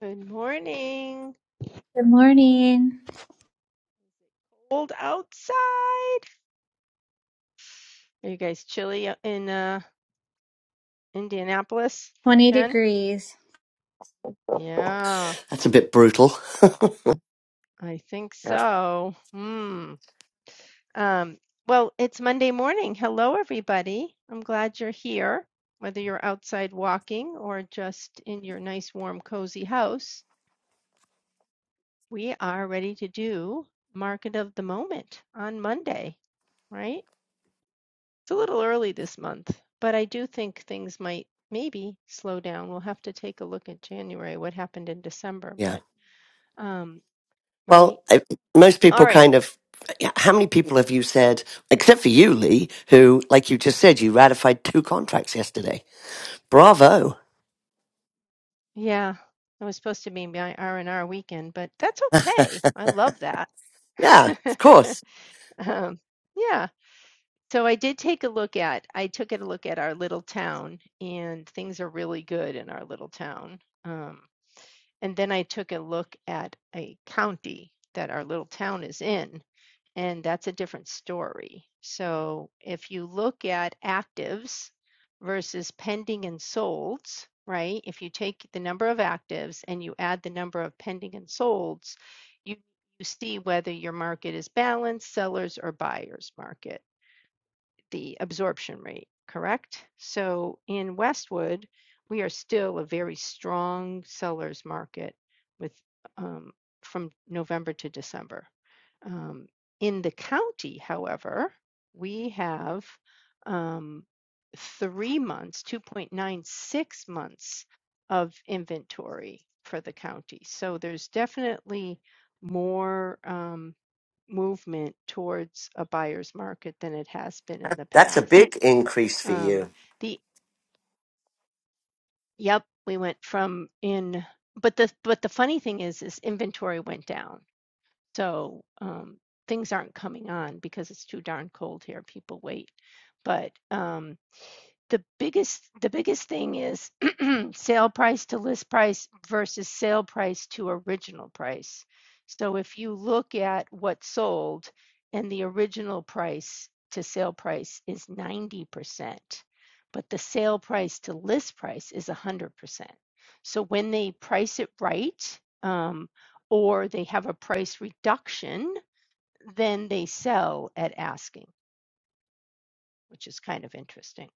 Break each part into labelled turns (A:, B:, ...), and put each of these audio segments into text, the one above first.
A: Good morning.
B: Good morning.
A: Cold outside. Are you guys chilly in uh, Indianapolis,
B: 20
A: Jen?
B: degrees.
A: Yeah,
C: That's a bit brutal.
A: I think
C: Yeah.
A: so. Hmm. Um, well, it's Monday morning. Hello, everybody. I'm glad you're here, whether you're outside walking or just in your nice, warm, cozy house. We are ready to do Market of the Moment on Monday, right? It's a little early this month, but I do think things might maybe slow down. We'll have to take a look at January, what happened in December,
C: Yeah.
A: but um, right?
C: Well, I, most
A: All
C: people
A: right.
C: kind of. yeah, How many people have you said, except for you, Lee, who, like you just said, you ratified two contracts yesterday? Bravo.
A: Yeah. I was supposed to be my R&R weekend, but that's okay. I love that.
C: Yeah, of course.
A: Um, yeah. So I did take a look at, I took a look at our little town and things are really good in our little town. Um, and then I took a look at a county that our little town is in and that's a different story. So if you look at actives versus pending and solds, right? If you take the number of actives and you add the number of pending and solds, you you see whether your market is balanced, sellers or buyers market the absorption rate, correct? So in Westwood, we are still a very strong seller's market with um, from November to December. Um, in the county, however, we have um, three months, 2.96 months of inventory for the county. So there's definitely more. Um, movement towards a buyer's market than it has been in the
C: That's a big
A: past.
C: increase for
A: Um,
C: you.
A: the yep, we went from in, but the but the funny thing is, is inventory went down, so um, things aren't coming on because it's too darn cold here. People wait, but um, the biggest the biggest thing is sale price to list price versus sale price to original price. So if you look at what sold and the original price to sale price is 90%, but the sale price to list price is 100%. So when they price it right, um, or they have a price reduction, then they sell at asking, which is kind of interesting.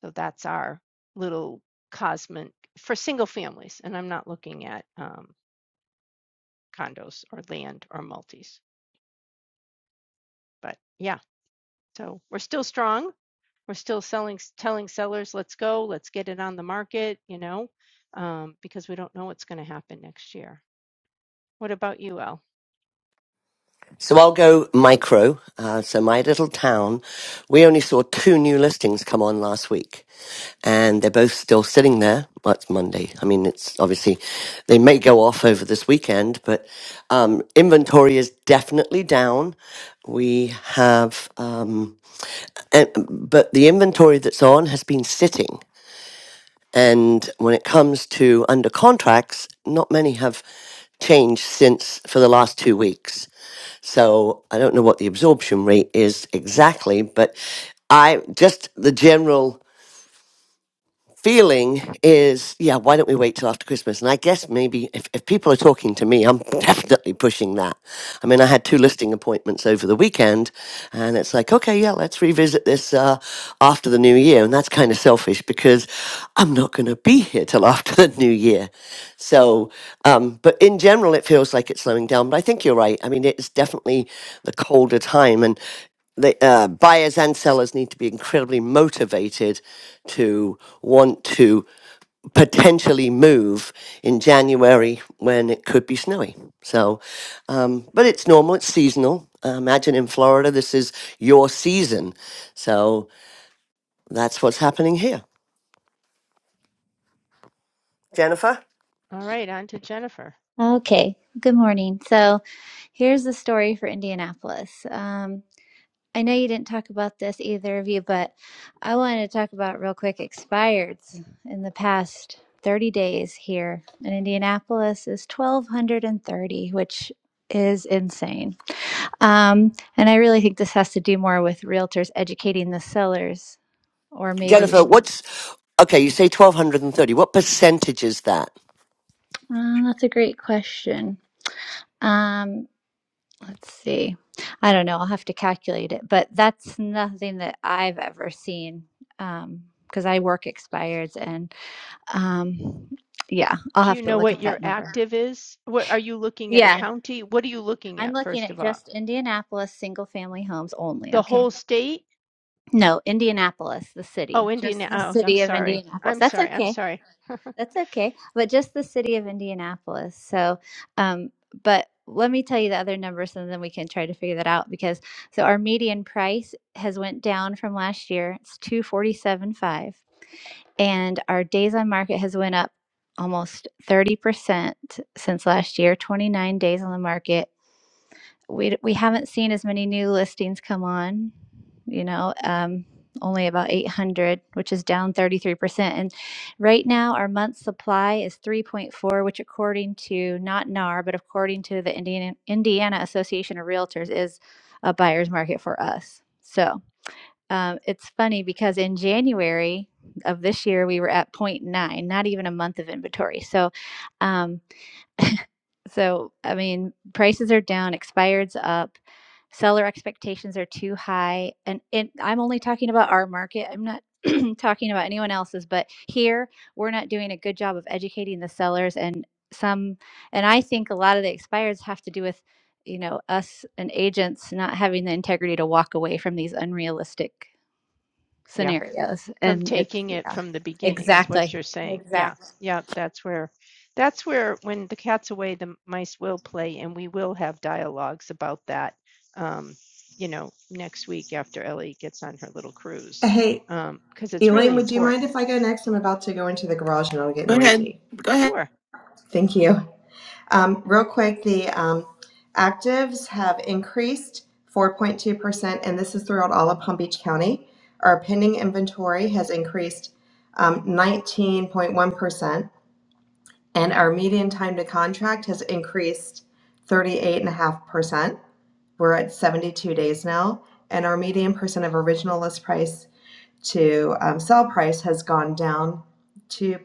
A: So that's our little cosmic for single families. And I'm not looking at um, condos or land or multis. But yeah, so we're still strong. We're still selling, telling sellers, let's go, let's get it on the market, you know, um, because we don't know what's going to happen next year. What about you, Elle?
C: So I'll go micro. Uh, so my little town, we only saw two new listings come on last week, and they're both still sitting there. Well, it's Monday. I mean, it's obviously they may go off over this weekend, but um, inventory is definitely down. We have, um, but the inventory that's on has been sitting. And when it comes to under contracts, not many have changed since for the last two weeks. So I don't know what the absorption rate is exactly, but I just the general feeling is, yeah, why don't we wait till after Christmas? And I guess maybe if, if people are talking to me, I'm definitely pushing that. I mean, I had two listing appointments over the weekend, and it's like, okay, yeah, let's revisit this uh, after the new year. And that's kind of selfish because I'm not going to be here till after the new year. So, um, but in general, it feels like it's slowing down. But I think you're right. I mean, it's definitely the colder time. And the uh, buyers and sellers need to be incredibly motivated to want to potentially move in January when it could be snowy. So, um, but it's normal, it's seasonal. Uh, imagine in Florida, this is your season. So that's what's happening here. Jennifer?
A: All right, on to Jennifer.
B: Okay. Good morning. So here's the story for Indianapolis. Um, I know you didn't talk about this, either of you, but I wanted to talk about real quick expireds in the past 30 days here in Indianapolis is 1,230, which is insane. Um, and I really think this has to do more with realtors educating the sellers or maybe,
C: Jennifer, what's okay? You say 1,230. What percentage is that?
B: uh, that's a great question. Um, Let's see. I don't know. I'll have to calculate it, but that's nothing that I've ever seen um, because I work expireds and um, yeah, I'll
A: Do you
B: have to
A: know
B: look
A: what
B: at
A: your
B: that number.
A: active is? What are you looking at? A
B: Yeah,
A: county? What are you looking
B: I'm
A: at,
B: looking
A: first
B: at
A: of all?
B: just Indianapolis single family homes only.
A: The
B: Okay.
A: whole state?
B: No, Indianapolis, the
A: Oh,
B: city, just
A: Indiana.
B: the
A: Oh, I'm
B: city of
A: sorry.
B: Indianapolis.
A: I'm
B: That's
A: sorry. I'm
B: okay.
A: sorry.
B: That's okay, but just the city of Indianapolis. So, um, but let me tell you the other numbers, and then we can try to figure that out. Because so our median price has went down from last year. It's two forty seven five, and our days on market has went up almost thirty percent since last year. Twenty nine days on the market we we haven't seen as many new listings come on, you know, um, only about 800, which is down 33%. And right now, our month supply is 3.4, which, according to not NAR, but according to the Indiana, Indiana Association of Realtors, is a buyer's market for us. So um, it's funny because in January of this year, we were at point nine, not even a month of inventory. So, um, so, I mean, prices are down, expired's up, seller expectations are too high. And, and I'm only talking about our market. I'm not talking about anyone else's, but here we're not doing a good job of educating the sellers. And some, and I think a lot of the expireds have to do with, you know, us and agents not having the integrity to walk away from these unrealistic
A: Yeah.
B: scenarios.
A: from
B: And it's,
A: taking it
B: yeah,
A: from the beginning is what
B: exactly.
A: you're saying. Yeah.
B: Exactly.
A: Yeah, that's where that's where when the cat's away the mice will play and we will have dialogues about that um you know next week after Ellie gets on her little cruise
D: Hey,
A: um because um, it's
D: Elaine,
A: really
D: would you mind
A: important.
D: if I go next? I'm about to go into the garage and it'll get
E: Go ahead.
D: noisy.
E: Go ahead.
A: Sure.
D: Thank you. Um, real quick, the um, actives have increased 4.2%, and this is throughout all of Palm Beach County. Our pending inventory has increased um, 19.1%, and our median time to contract has increased 38.5%. We're at 72 days now, and our median percent of original list price to um, sell price has gone down to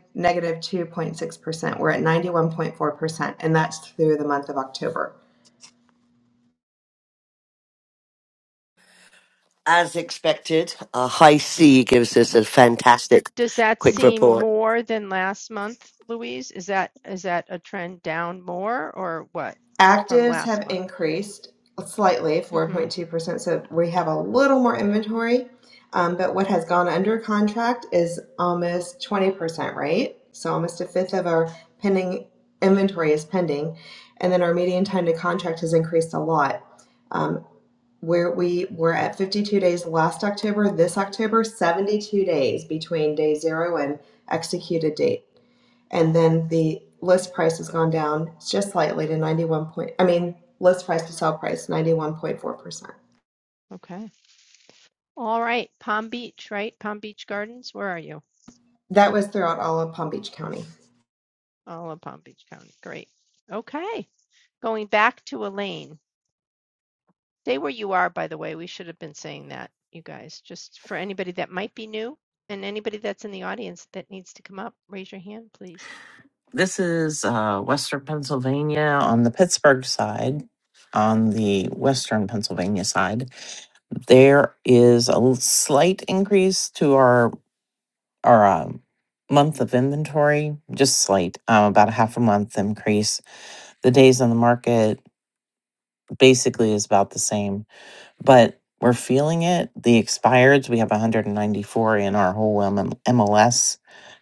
D: 2.6%. We're at 91.4%, and that's through the month of October.
C: As expected, a high C gives us a fantastic
A: Does that
C: quick
A: seem
C: report.
A: more than last month, Louise? Is that is that a trend down more or what from
D: Actives
A: last
D: have
A: month?
D: increased slightly,
A: mm Mhm.
D: 4.2%, so we have a little more inventory. Um, but what has gone under contract is almost 20%, right? So almost a fifth of our pending inventory is pending. And then our median time to contract has increased a lot. Um, where we were at 52 days last October, this October, 72 days between day zero and executed date. And
A: Oh,
D: then the list price has gone down just slightly to 91 point, I mean, list price to sell price, 91.4%.
A: okay. All right. Palm Beach, right? Palm Beach Gardens, where are you?
D: That was throughout all of Palm Beach County.
A: All of Palm Beach County. Great. Okay. Going back to Elaine. Stay where you are, by the way. We should have been saying that, you guys, just for anybody that might be new and anybody that's in the audience that needs to come up, raise your hand, please.
E: This is uh, Western Pennsylvania on the Pittsburgh side. On the Western Pennsylvania side, there is a l- slight increase to our our um, month of inventory, just slight, um, about a half a month increase. The days on the market basically is about the same. but we're feeling it. The expireds, we have 194 in our whole M- MLS,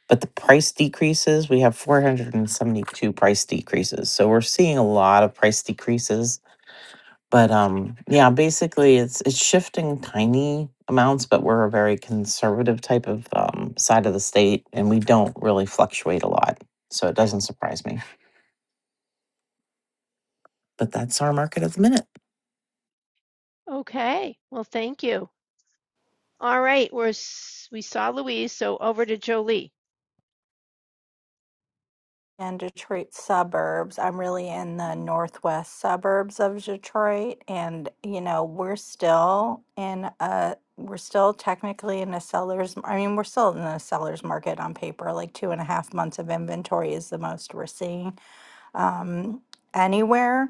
E: but the price decreases, we have 472 price decreases. So we're seeing a lot of price decreases. But um, yeah, basically it's it's shifting tiny amounts, but we're a very conservative type of um, side of the state, and we don't really fluctuate a lot. So it doesn't surprise me. But that's our market at the minute.
A: Okay. Well, thank you. All right. We're, we saw Louise. So over to Jolie.
F: and Detroit suburbs. I'm really in the northwest suburbs of Detroit, and you know, we're still in a we're still technically in a seller's. I mean, we're still in a seller's market on paper. Like two and a half months of inventory is the most we're seeing um, anywhere.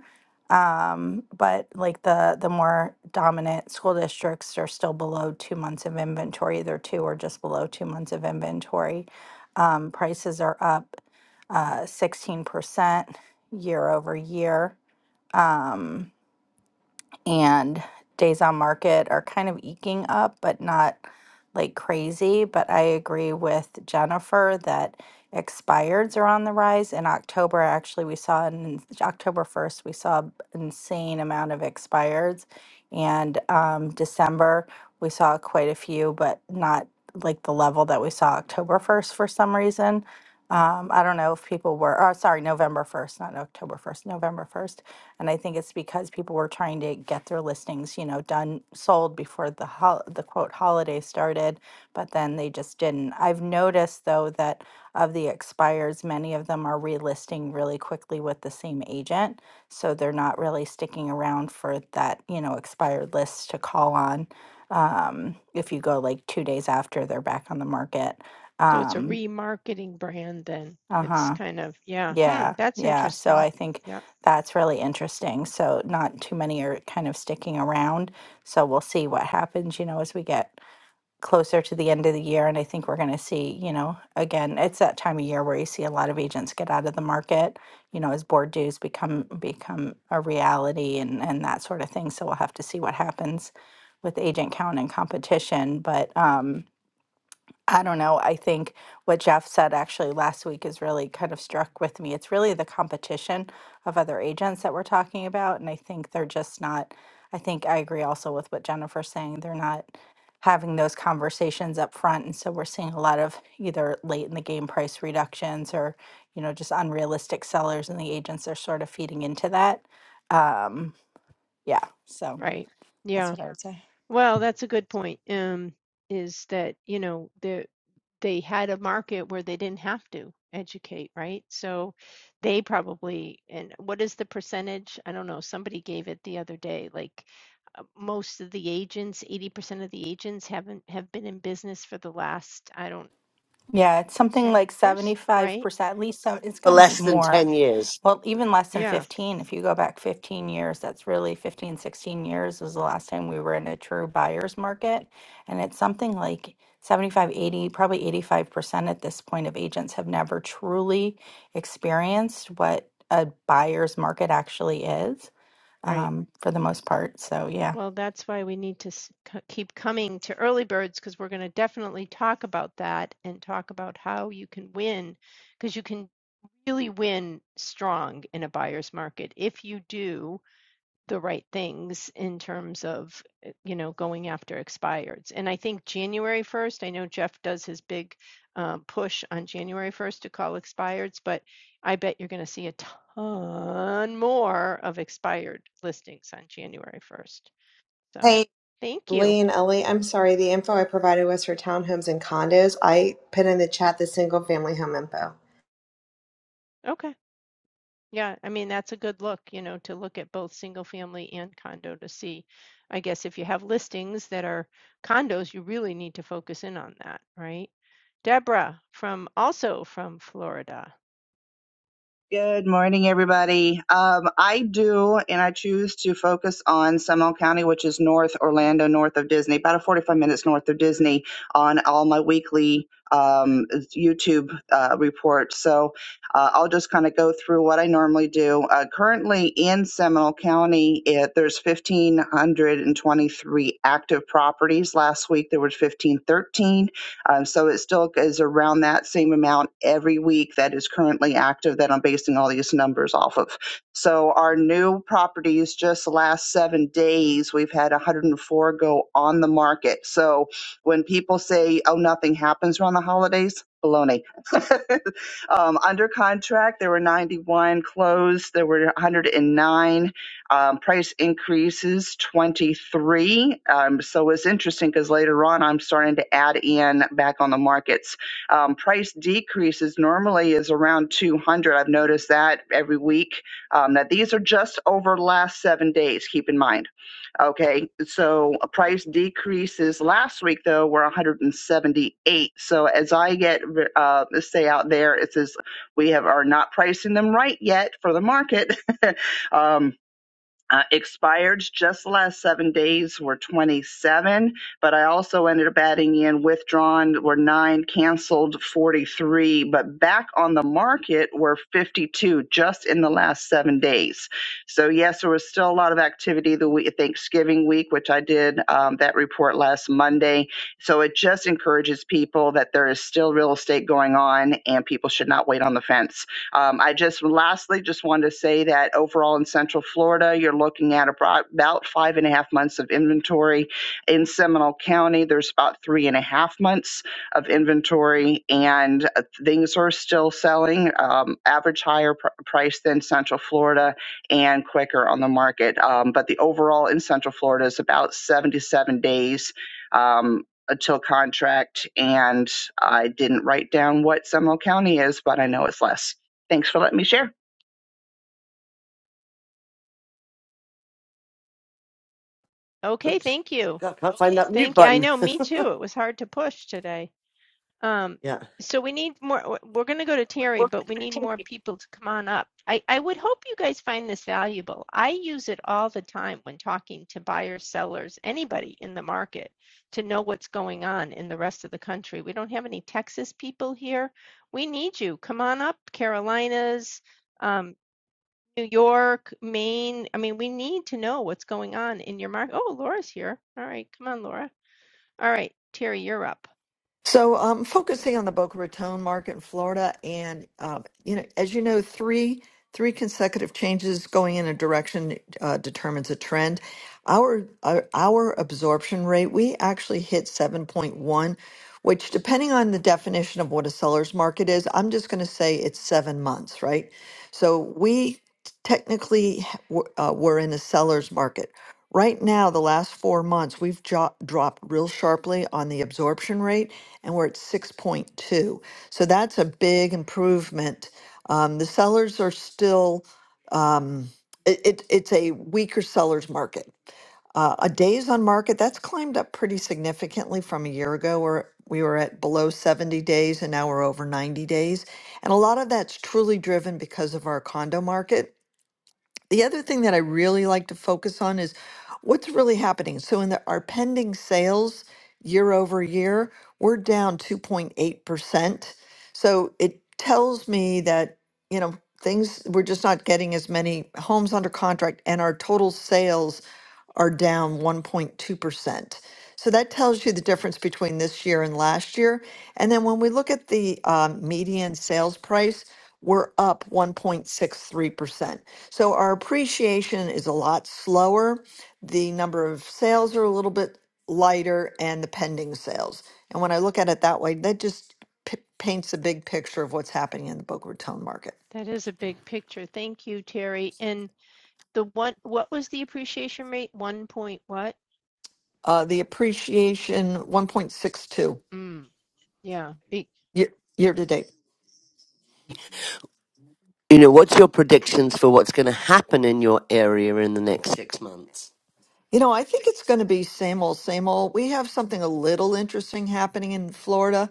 F: Um, but like the the more dominant school districts are still below two months of inventory, either two or just below two months of inventory. Um, prices are up uh, 16% year over year. Um, and days on market are kind of eking up, but not like crazy. But I agree with Jennifer that expireds are on the rise. In October, actually, we saw an October 1st, we saw an insane amount of expireds. And um, December, we saw quite a few, but not like the level that we saw October 1st for some reason. Um, I don't know if people were, or sorry, November 1st, not October 1st, November 1st and I think it's because people were trying to get their listings, you know, done, sold before the hol- the quote holiday started, but then they just didn't. I've noticed though that of the expires, many of them are relisting really quickly with the same agent, so they're not really sticking around for that, you know, expired list to call on. Um, if you go like two days after they're back on the market,
A: So it's a
F: um,
A: remarketing brand then.
F: uh huh.
A: It's kind of, yeah. Hmm.
F: Yeah,
A: That's
F: yeah. So
A: interesting.
F: I think
A: Yeah.
F: that's really interesting. So not too many are kind of sticking around. So we'll see what happens, you know, as we get closer to the end of the year. And I think we're going to see, you know, again, it's that time of year where you see a lot of agents get out of the market, you know, as board dues become become a reality and and that sort of thing. So we'll have to see what happens with agent count and competition. But um I don't know. I think what Jeff said actually last week is really kind of struck with me. It's really the competition of other agents that we're talking about. And I think they're just not, I think I agree also with what Jennifer's saying. They're not having those conversations up front. And so we're seeing a lot of either late in the game price reductions or, you know, just unrealistic sellers and the agents are sort of feeding into that. Um, yeah. So
A: Right. Yeah.
F: that's what I would say.
A: Well, that's a good point. Um, is that, you know, the they had a market where they didn't have to educate, right? So they probably, and what is the percentage? I don't know. Somebody gave it the other day, like uh, most of the agents, 80% of the agents haven't have been in business for the last, I don't know,
F: Yeah. It's something
A: 10
F: like
A: years, right?
F: 75%, at least so it's
C: for
F: got to be
C: less than
F: more
C: 10 years.
F: Well, even less than
A: Yeah,
F: 15, if you go back 15 years, that's really 15, 16 years was the last time we were in a true buyer's market. And it's something like 75, 80, probably 85% at this point of agents have never truly experienced what a buyer's market actually is,
A: right.
F: um, for the most part. So, yeah.
A: Well, that's why we need to s- c- keep coming to early birds because we're going to definitely talk about that and talk about how you can win because you can really win strong in a buyer's market if you do the right things in terms of eh, you know going after expireds and i think january 1st i know jeff does his big um, push on january 1st to call expireds but i bet you're going to see a ton more of expired listings on january 1st so,
D: Hey,
A: thank you.
D: Lee and Ellie, I'm sorry, the info I provided was for townhomes and condos. I put in the chat the single family home info.
A: Okay. Yeah, I mean, that's a good look, you know, to look at both single family and condo to see. I guess if you have listings that are condos, you really need to focus in on that, right? Deborah from also from Florida.
G: Good morning, everybody. Um, I do, and I choose to focus on Seminole County, which is north Orlando, north of Disney, about 45 minutes north of Disney, on all my weekly um, YouTube uh, reports. So uh, I'll just kind of go through what I normally do. Uh, currently in Seminole County, it, there's 1,523 active properties. Last week there was 1,513. Um, so it still is around that same amount every week that is currently active that I'm basing all these numbers off of. So our new properties, just the last seven days, we've had 104 go on the market. So when people say, oh, nothing happens around the holidays, baloney. um, under contract, there were 91 closed, there were 109 um, price increases 23. Um, so it's interesting because later on I'm starting to add in back on the markets. Um, price decreases normally is around 200. I've noticed that every week. Um, now these are just over last seven days. Keep in mind. Okay, so uh, price decreases last week though were 178. So as I get uh, say out there, it says we have are not pricing them right yet for the market. um, uh, expired just the last seven days were 27, but I also ended up adding in withdrawn were nine, canceled 43, but back on the market were 52 just in the last seven days. So, yes, there was still a lot of activity the week, Thanksgiving week, which I did um, that report last Monday. So, it just encourages people that there is still real estate going on and people should not wait on the fence um, I just lastly just want to say that overall in Central Florida, you're looking at about five and a half months of inventory. In Seminole County, there's about three and a half months of inventory, and uh, things are still selling. Um, average higher pr- price than Central Florida and quicker on the market. Um, but the overall in Central Florida is about 77 days. Um, until contract, and I didn't write down what Seminole County is, but I know it's less. Thanks for letting me share.
A: Okay,
C: Oops.
A: thank you.
C: God, I can't find that mute
A: Thank you. I
C: button.
A: know, me too. It was hard to push today. Um,
C: Yeah.
A: so we need more, we're going to go to Terry, but we need more people to come on up. I, I would hope you guys find this valuable. I use it all the time when talking to buyers, sellers, anybody in the market to know what's going on in the rest of the country. We don't have any Texas people here. We need you. Come on up, Carolinas, um, New York, Maine. I mean, we need to know what's going on in your market. Oh, Laura's here. All right. Come on, Laura. All right. Terry, you're up.
H: So, um, focusing on the Boca Raton market in Florida, and um, you know, as you know, three Three consecutive changes going in a direction uh, determines a trend. Our, our our absorption rate, we actually hit 7.1, which depending on the definition of what a seller's market is, I'm just going to say it's seven months, right? So we technically h- w- uh, were in a seller's market. Right now, the last four months, we've jo- dropped real sharply on the absorption rate, and we're at 6.2. So that's a big improvement um, the sellers are still, um, it, it, it's a weaker seller's market. Uh, a days on market, that's climbed up pretty significantly from a year ago where we were at below 70 days and now we're over 90 days. And a lot of that's truly driven because of our condo market. The other thing that I really like to focus on is what's really happening. So in the, our pending sales year over year, we're down 2.8%. So it tells me that, you know, things, we're just not getting as many homes under contract and our total sales are down 1.2%. So that tells you the difference between this year and last year. And then when we look at the um, median sales price, we're up 1.63%. So our appreciation is a lot slower. The number of sales are a little bit lighter and the pending sales. And when I look at it that way, that just p- paints a big picture of what's happening in the Boca Raton market.
A: That is a big picture. Thank you, Terry. And the one, what was the appreciation rate? One point what?
H: Uh, the appreciation 1.62
A: Mm, yeah. be-
H: year, year to date.
C: You know, what's your predictions for what's going to happen in your area in the next six months?
H: You know, I think it's going to be same old, same old. We have something a little interesting happening in Florida.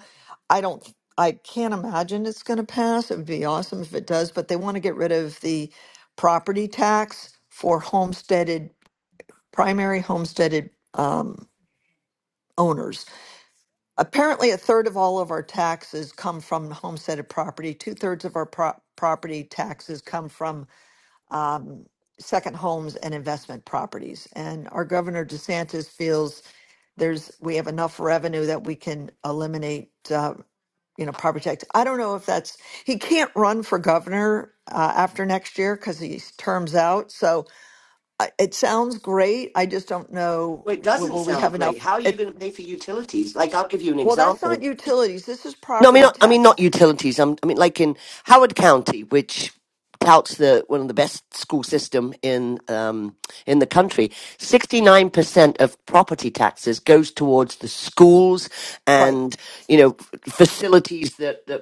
H: I don't, I can't imagine it's going to pass. It would be awesome if it does, but they want to get rid of the property tax for homesteaded, primary homesteaded um, owners. Apparently, a third of all of our taxes come from homesteaded property. Two thirds of our pro- property taxes come from um, second homes and investment properties. And our governor DeSantis feels there's we have enough revenue that we can eliminate uh, you know property tax i don't know if that's he can't run for governor uh, after next year because his terms out so I, it sounds great i just don't know
C: Well, it
H: will,
C: doesn't
H: will we
C: sound
H: have
C: great.
H: enough
C: How are you
H: it
C: going to pay for utilities? Like, I'll give you an
H: well that's not
C: example.
H: utilities this is
C: No, I mean,
H: property
C: not, I mean
H: tax
C: not utilities. I'm, I mean, like in Howard County, which touts the one of the best school system in um, in the country. Sixty nine percent of property taxes goes towards the schools
H: right
C: and you know f- facilities that that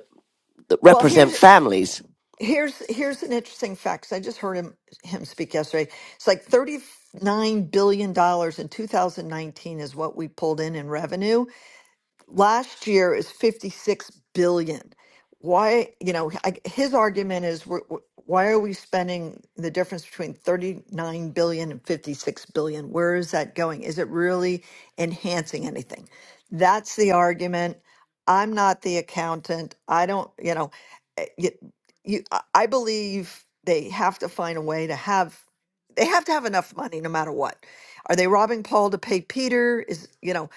C: that
H: well here's
C: represent families.
H: here's here's an interesting fact 'cause i just heard him him speak yesterday it's like 39 billion dollars in 2019 is what we pulled in in revenue last year is 56 billion why you know I, his argument is we're, we're- why are we spending the difference between thirty-nine billion and fifty-six billion where is that going is it really enhancing anything that's the argument i'm not the accountant i don't you know eh, you, you, i I believe they have to find a way to have they have to have enough money no matter what are they robbing paul to pay peter is you know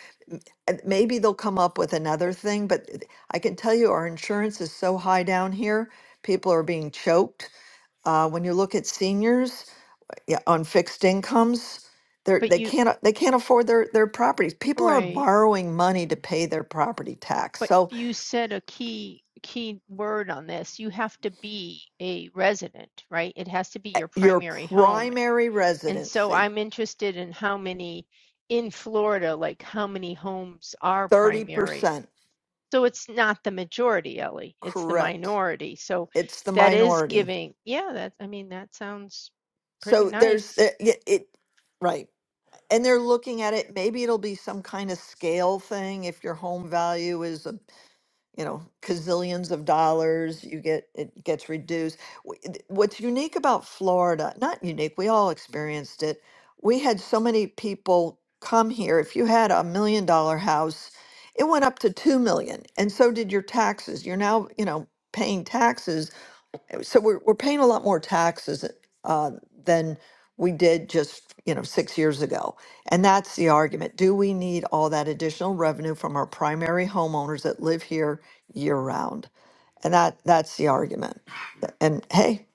H: and maybe they'll come up with another thing, but th- I can tell you our insurance is so high down here. People are being choked. Uh, when you look at seniors yeah, on fixed incomes, they're,
A: But
H: they
A: you,
H: can't a- they can't afford their their properties. People are
A: right.
H: borrowing money to pay their property tax.
A: But
H: So
A: you said a key key word on this. You have to be a resident, right? It has to be your
H: your
A: primary home.
H: primary
A: And so
H: residency,
A: I'm interested in how many in Florida, like how many homes are
H: thirty percent
A: primary? So it's not the majority, Ellie. It's the
H: correct.
A: minority. So
H: It's the
A: that is
H: minority.
A: giving, yeah, that, I mean, that sounds pretty
H: So there's
A: nice.
H: it, it right. and they're looking at it maybe it'll be some kind of scale thing if your home value is a you know gazillions of dollars you get it gets reduced W- th- what's unique about florida not unique we all experienced it we had so many people come here if you had a million dollar house it went up to 2 million and so did your taxes you're now you know paying taxes so we're, we're paying a lot more taxes uh, than we did just you know six years ago and that's the argument do we need all that additional revenue from our primary homeowners that live here year round and that that's the argument and hey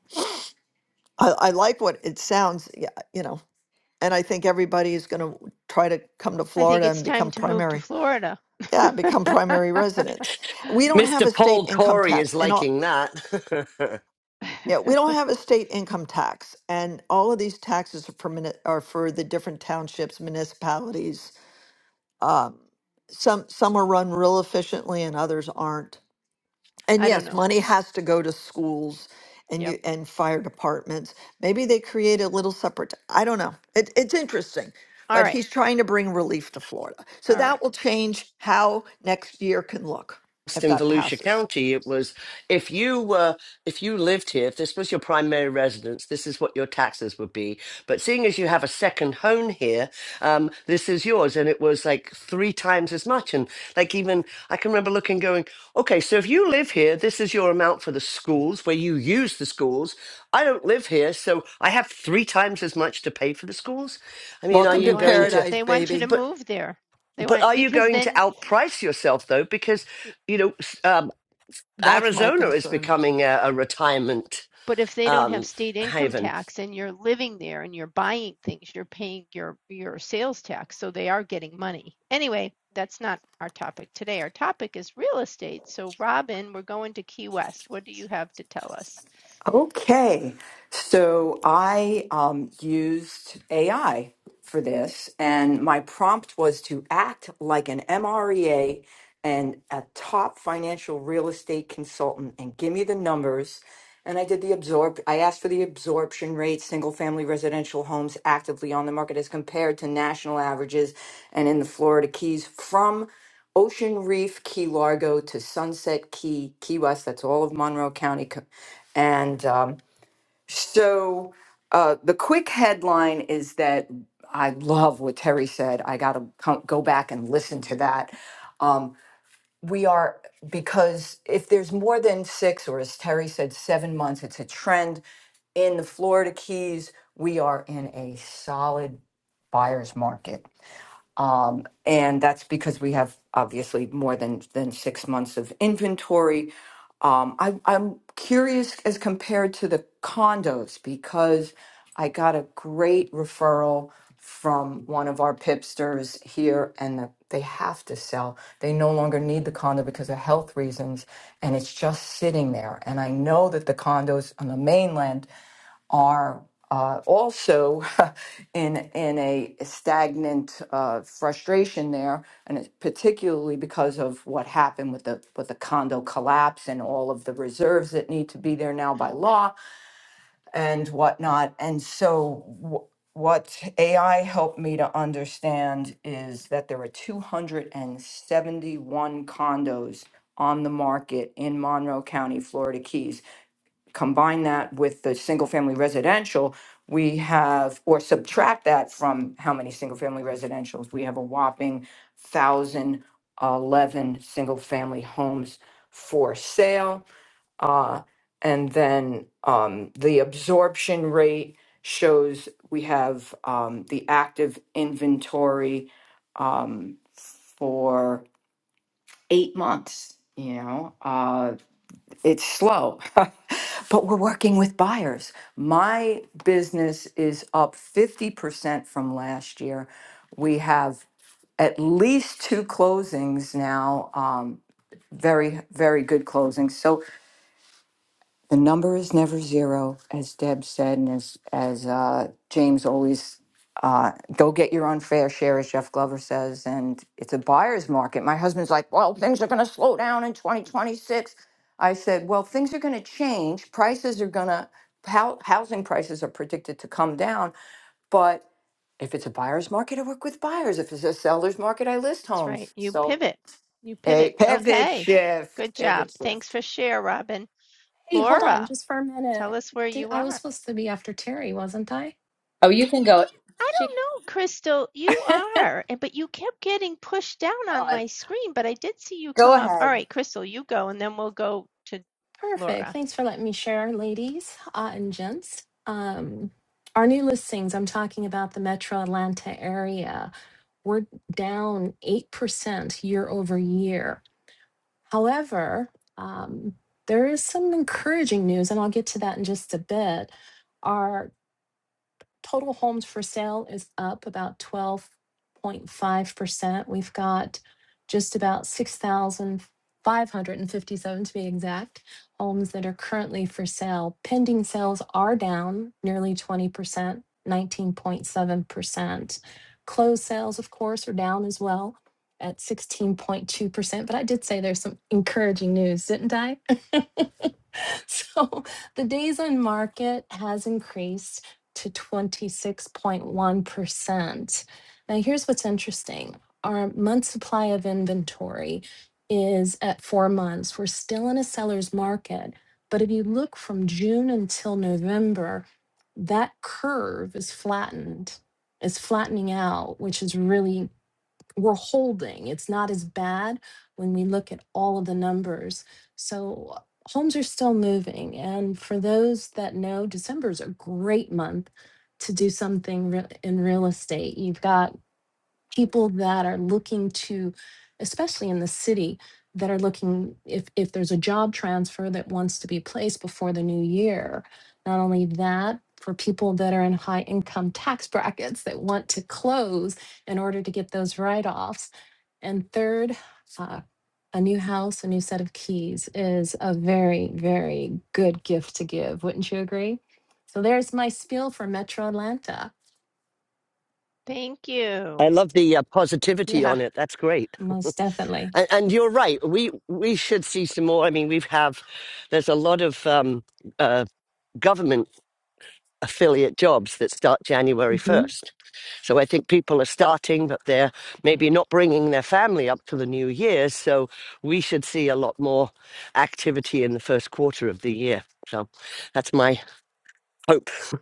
H: i, I like what it sounds yeah, you know and i think everybody is going to try to come to
A: I think
H: florida
A: it's
H: and become
A: time to move to
H: primary
A: Florida.
H: yeah become primary residents we don't
A: Okay.
H: have
C: Mr.
H: a state
C: Paul
H: income
C: Corey is
H: tax and
C: liking that.
H: Yeah, we don't have a state income tax, and all of these taxes are for mini- are for the different townships, municipalities. Um, some some are run real efficiently, and others aren't. And
A: I don't
H: yes,
A: know.
H: money has to go to schools and
A: Yep.
H: you and fire departments. Maybe they create a little separate. I don't know. It, it's interesting,
A: All
H: but
A: right.
H: he's trying to bring relief to Florida, so
A: All
H: that
A: right.
H: will change how next year can look if
C: in
H: that
C: Volusia
H: passes.
C: County, it was if you were if you lived here, if this was your primary residence, this is what your taxes would be. But seeing as you have a second home here, um, this is yours, and it was like three times as much. And like even I can remember looking, going, okay, so if you live here, this is your amount for the schools where you use the schools. I don't live here, so I have three times as much to pay for the schools. I mean, are
A: Well,
H: Welcome
A: they
H: to
C: you
A: want
C: going
A: you to,
C: to?
H: paradise,
A: they want you to
H: baby.
C: But
A: move there. They
C: but
A: want,
C: are you
A: because
C: going to
A: then
C: outprice yourself though? Because you know. s- um,
H: That's my
C: Arizona is
H: concern.
C: becoming a, a retirement
A: But if they don't have
C: um,
A: state income
C: haven.
A: tax and you're living there and you're buying things, you're paying your, your sales tax. So they are getting money. Anyway, that's not our topic today. Our topic is real estate. So, Robin, we're going to Key West. What do you have to tell us?
I: Okay. So I um, used AI for this, and my prompt was to act like an MREA and a top financial real estate consultant and give me the numbers. And I did the absorb, I asked for the absorption rate, single family residential homes actively on the market as compared to national averages and in the Florida Keys from Ocean Reef, Key Largo to Sunset Key, Key West. That's all of Monroe County. And um, so uh, the quick headline is that I love what Terry said. I got to go back and listen to that. Um, we are, because if there's more than six, or as Terry said, seven months, it's a trend. In the Florida Keys, we are in a solid buyer's market. Um, and that's because we have obviously more than than six months of inventory. Um, I, I'm curious as compared to the condos because I got a great referral from one of our pipsters here, and the, they have to sell. They no longer need the condo because of health reasons, and it's just sitting there. And I know that the condos on the mainland are uh, also in in a stagnant uh, frustration there, and it's particularly because of what happened with the with the condo collapse and all of the reserves that need to be there now by law and whatnot. And so, w- what AI helped me to understand is that there are 271 condos on the market in Monroe County, Florida Keys combine that with the single family residential, we have, or subtract that from how many single family residentials, we have a whopping thousand eleven single family homes for sale. Uh, and then um, the absorption rate shows we have um, the active inventory um, for eight months. You know, uh, it's slow, but we're working with buyers. My business is up 50% from last year. We have at least two closings now, um, very, very good closings. So the number is never zero, as Deb said, and as as uh, James always. Uh, go get your unfair share, as Jeff Glover says, and it's a buyer's market. My husband's like, "Well, things are going to slow down in 2026." I said, "Well, things are going to change. Prices are going to hou- housing prices are predicted to come down, but if it's a buyer's market, I work with buyers. If it's a seller's market, I list
A: That's right.
I: homes.
A: You
I: So
A: pivot. You pivot.
I: a pivot
A: Okay. Good
I: shift,
A: job.
I: pivot shift."
A: Thanks for share, Robin.
J: Hey, hold on
A: Laura,
J: just for a
A: tell
J: minute.
A: us where
J: Did,
A: you
J: I was
A: are.
J: supposed to be after Terry, wasn't I?
K: Oh, you can go.
A: I
K: She,
A: don't know, Crystal. You are, and but you kept getting pushed down
J: Oh,
A: on
J: I-
A: my screen, but I did see you come up. All right, Crystal, you go, and then we'll go to
J: perfect.
A: Laura.
J: Thanks for letting me share, ladies uh, and gents. Um, our new listings, I'm talking about the metro Atlanta area. We're down 8% year over year. However, um, there is some encouraging news, and I'll get to that in just a bit. Our total homes for sale is up about 12.5%. We've got just about 6,557 to be exact homes that are currently for sale. Pending sales are down nearly 20%. 19.7%. Closed sales, of course, are down as well at 16.2%. But I did say there's some encouraging news, didn't I? so the days on market has increased to 26.1%. Now, here's what's interesting our month supply of inventory is at four months. We're still in a seller's market. But if you look from June until November, that curve is flattened, is flattening out, which is really, we're holding. It's not as bad when we look at all of the numbers. So homes are still moving. And for those that know, December is a great month to do something re- in real estate. You've got people that are looking to especially in the city that are looking if if there's a job transfer that wants to be placed before the new year not only that for people that are in high income tax brackets that want to close in order to get those write-offs and third uh, a new house a new set of keys is a very very good gift to give wouldn't you agree so there's my spiel for metro atlanta
A: Thank
C: I
A: you.
C: love the uh, positivity
A: Yeah.
C: on it. That's great.
J: most definitely
C: And, and you're right. We we should see some more. I mean, we've have there's a lot of um, uh, government affiliate jobs that start January
J: Mm-hmm.
C: first. So I think people are starting, but they're maybe not bringing their family up to the new year. So we should see a lot more activity in the first quarter of the year. So that's my hope.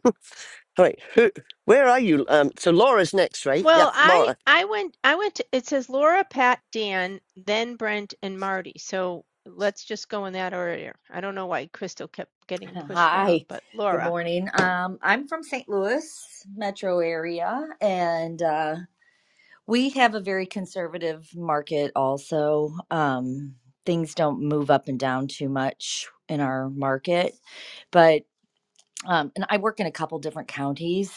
C: Right. Who, where are you? Um, so Laura's next, right? Yeah,
A: Well, I
C: Laura.
A: I went I went to it says Laura, Pat, Dan, then Brent and Marty. So let's just go in that order. I don't know why Crystal kept getting pushed
K: hi.
A: down, but
K: Good
A: Laura,
K: morning. Um, I'm from St. Louis metro area, and uh, we have a very conservative market also. Um, things don't move up and down too much in our market, but um, and I work in a couple different counties,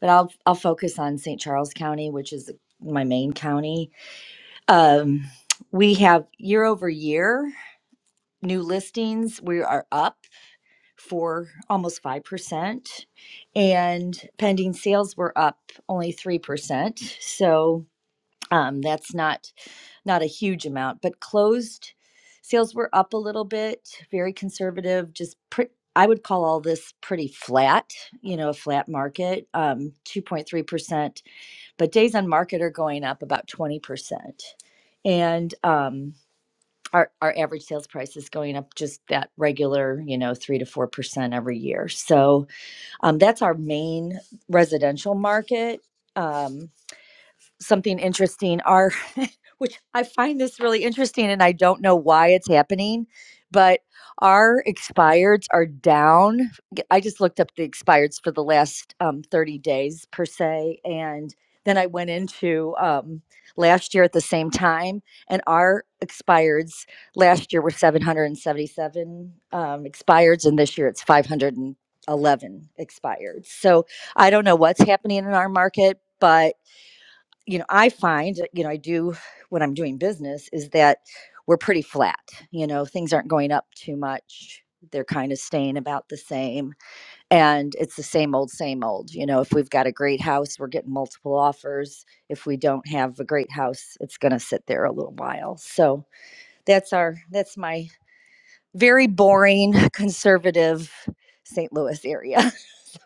K: but I'll I'll focus on St. Charles County, which is my main county. Um, we have year over year new listings. We are up. for almost 5%, and pending sales were up only 3%. So um, that's not not a huge amount, but closed sales were up a little bit, very conservative, just pre- I would call all this pretty flat, you know, a flat market, um, 2.3%, but days on market are going up about 20%. And, um, our our average sales price is going up just that regular, you know, three to four percent every year. So um, that's our main residential market. Um, something interesting: our which I find this really interesting and I don't know why it's happening, but our expireds are down. G- I just looked up the expireds for the last um, 30 days per se. And then I went into um, last year at the same time, and our expireds last year were 777 um, expireds, and this year it's 511 expireds. So I don't know what's happening in our market, but you know, I find, uh, you know, I do when I'm doing business is that we're pretty flat. You know, things aren't going up too much. They're kind of staying about the same. And it's the same old, same old. You know, if we've got a great house, we're getting multiple offers. If we don't have a great house, it's going to sit there a little while. So that's our, that's my very boring, conservative St. Louis area.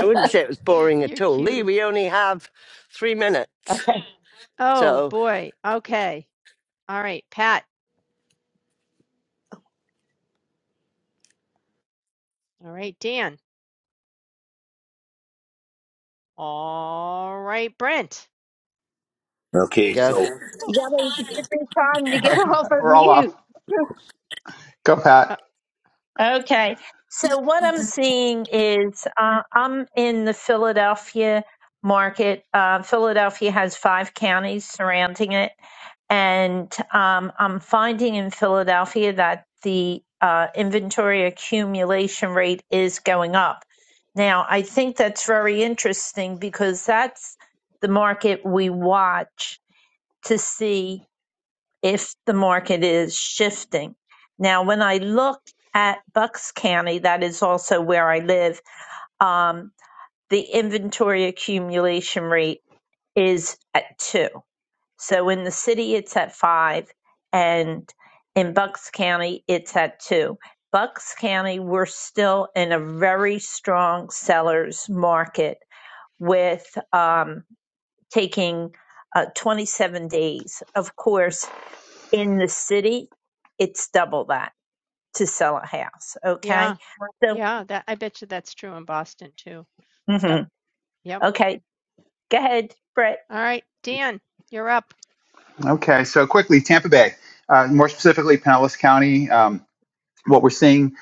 C: I wouldn't say it was boring at
A: you're
C: all. Lee,
A: cute.
C: we only have three minutes.
A: Oh
C: So
A: boy. Okay. All right, Pat. All right, Dan. All right, Brent.
L: Okay,
C: go.
L: so
A: Whew.
M: You gotta get this time to get off of
N: We're all
M: mute.
N: off. Go,
A: Uh,
N: Pat.
M: Okay. So what I'm seeing is uh, I'm in the Philadelphia market. Uh, Philadelphia has five counties surrounding it, and um, I'm finding in Philadelphia that the uh, inventory accumulation rate is going up. Now, I think that's very interesting because that's the market we watch to see if the market is shifting. Now, when I look at Bucks County, that is also where I live, um, the inventory accumulation rate is at two. So in the city, it's at five, and in Bucks County, it's at two. Bucks County, we're still in a very strong seller's market with um, taking uh, 27 days. Of course, in the city, it's double that to sell a house. Okay.
A: yeah,
M: So,
A: yeah, that I bet you that's true in Boston too. Yep,
M: mhm.
A: yep.
M: okay. Go ahead, Brett.
A: All right, Dan, you're up.
N: Okay, so quickly, Tampa Bay, uh, more specifically, Pinellas County. Um, what we're seeing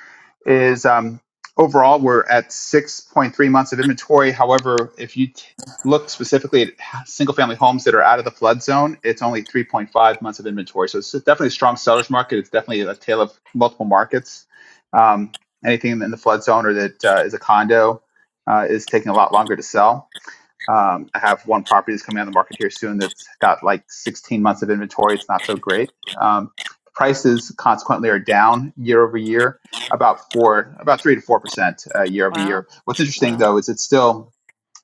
N: is um, overall we're at 6.3 months of inventory. However, if you t- look specifically at h- single-family homes that are out of the flood zone, it's only 3.5 months of inventory. So it's definitely a strong seller's market. It's definitely a tale of multiple markets. Um, anything in the flood zone or that uh, is a condo uh, is taking a lot longer to sell. Um, I have one property that's coming on the market here soon that's got like 16 months of inventory. It's not so great. Um, prices consequently are down year over year, about four, about three to four percent uh, year over year.
A: Wow,
N: What's interesting
A: wow,
N: though is it's still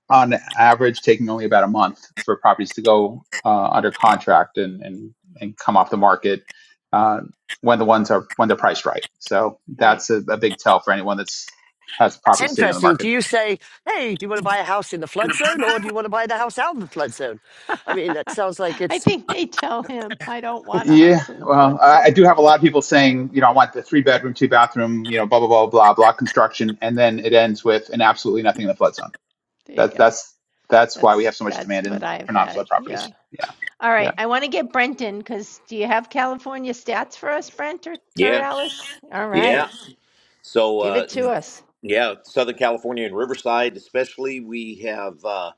N: on average taking only about a month for properties to go uh, under contract and and and come off the market uh, when the ones are when they're priced right. So
A: right.
N: that's a, a big tell for anyone that's has
C: That's
N: property sitting on the
C: interesting.
N: market.
C: Do you say, hey, do you want to buy a house in the flood zone or do you want to buy the house out of the flood zone? I mean, that sounds like
A: I
C: it's
A: think they tell him I don't
C: Yeah.
A: want a
N: Yeah,
A: house on the
N: well,
A: flood.
N: I,
A: So
N: I do have a lot of people saying, you know, I want the three bedroom, two bathroom, you know, blah blah blah blah blah construction, and then it ends with an absolutely nothing in the flood zone.
A: there you
N: That's
A: go.
N: that's that's why
A: That's
N: we have so much
A: that's
N: demand
A: what
N: in
A: I've
N: for non flood
A: had. Yeah.
N: properties. Yeah,
A: All
N: yeah.
A: right. I want to get Brent in because do you have California stats for us, Brent or, or
L: yeah,
A: Alice? All right.
L: yeah. So
A: Give
L: uh
A: it to us.
L: yeah, Southern California and Riverside especially, we have uh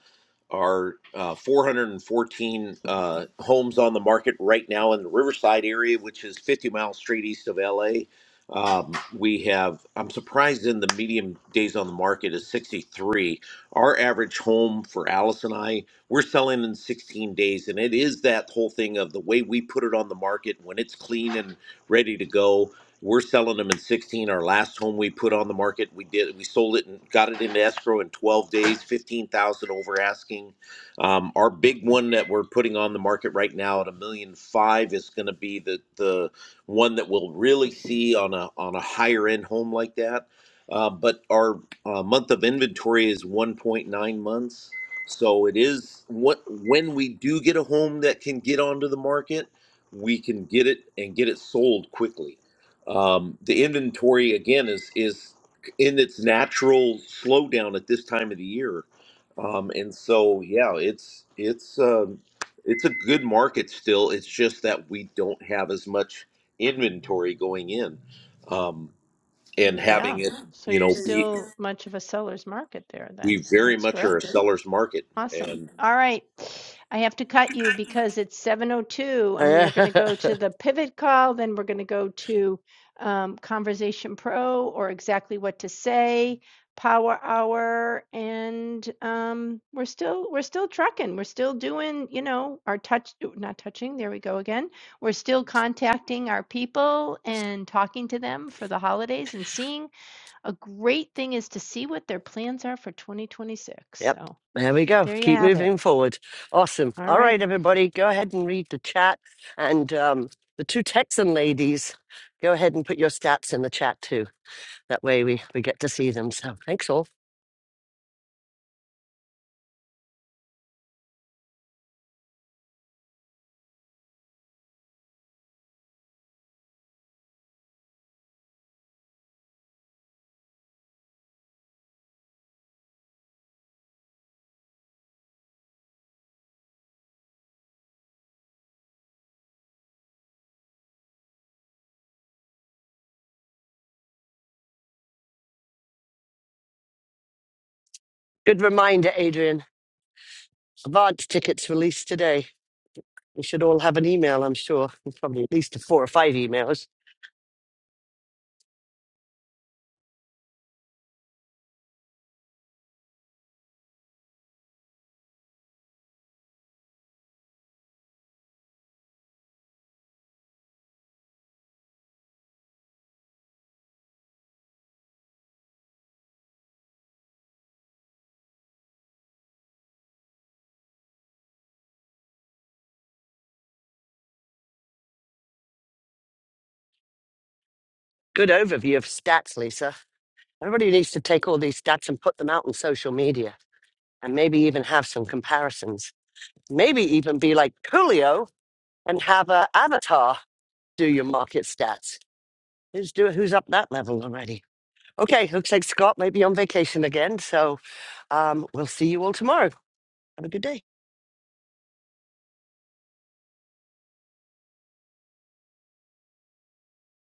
L: our uh 414 uh homes on the market right now in the Riverside area, which is 50 miles straight east of LA. Um, we have I'm surprised in the medium days on the market is 63. Our average home for Alice and I, we're selling in 16 days and it is that whole thing of the way we put it on the market when it's clean and ready to go We're selling them in 16. Our last home we put on the market, we did we sold it and got it into escrow in 12 days, 15,000 over asking. Um, our big one that we're putting on the market right now at a million five is going to be the the one that we'll really see on a on a higher end home like that. Uh, but our uh, month of inventory is 1.9 months. So it is what when we do get a home that can get onto the market, we can get it and get it sold quickly. Um, the inventory again is is in its natural slowdown at this time of the year, um, and so yeah, it's it's um, it's a good market still. It's just that we don't have as much inventory going in, um, and
A: Mm,
L: having
A: Yeah.
L: it
A: So
L: you
A: you're
L: know be,
A: still much of a seller's market there then.
L: we very
A: That's
L: much are
A: great.
L: a seller's market,
A: Awesome.
L: and.
A: All right. I have to cut you because it's 7:02 and we are going to go to the pivot call, then we're going to go to um, Conversation Pro or exactly what to say, Power Hour, and um, we're still we're still trucking. We're still doing, you know, our touch not touching, there we go again. We're still contacting our people and talking to them for the holidays and seeing a great thing is to see what their plans are for 2026.
C: yep.
A: So
C: There we go.
A: there you
C: Keep
A: have it.
C: moving forward. Awesome.
A: All
C: All
A: right.
C: right, everybody, go ahead and read the chat. And um, the two Texan ladies, go ahead and put your stats in the chat too. That way we, we get to see them. So thanks all. Good reminder, Adrian. Advance tickets released today. We should all have an email, I'm sure. There's Probably at least four or five emails. Good overview of stats, Lisa. Everybody needs to take all these stats and put them out on social media and maybe even have some comparisons. Maybe even be like Coolio and have a avatar do your market stats. Who's do who's up that level already? Okay, looks like Scott may be on vacation again, so um, we'll see you all tomorrow. Have a good day.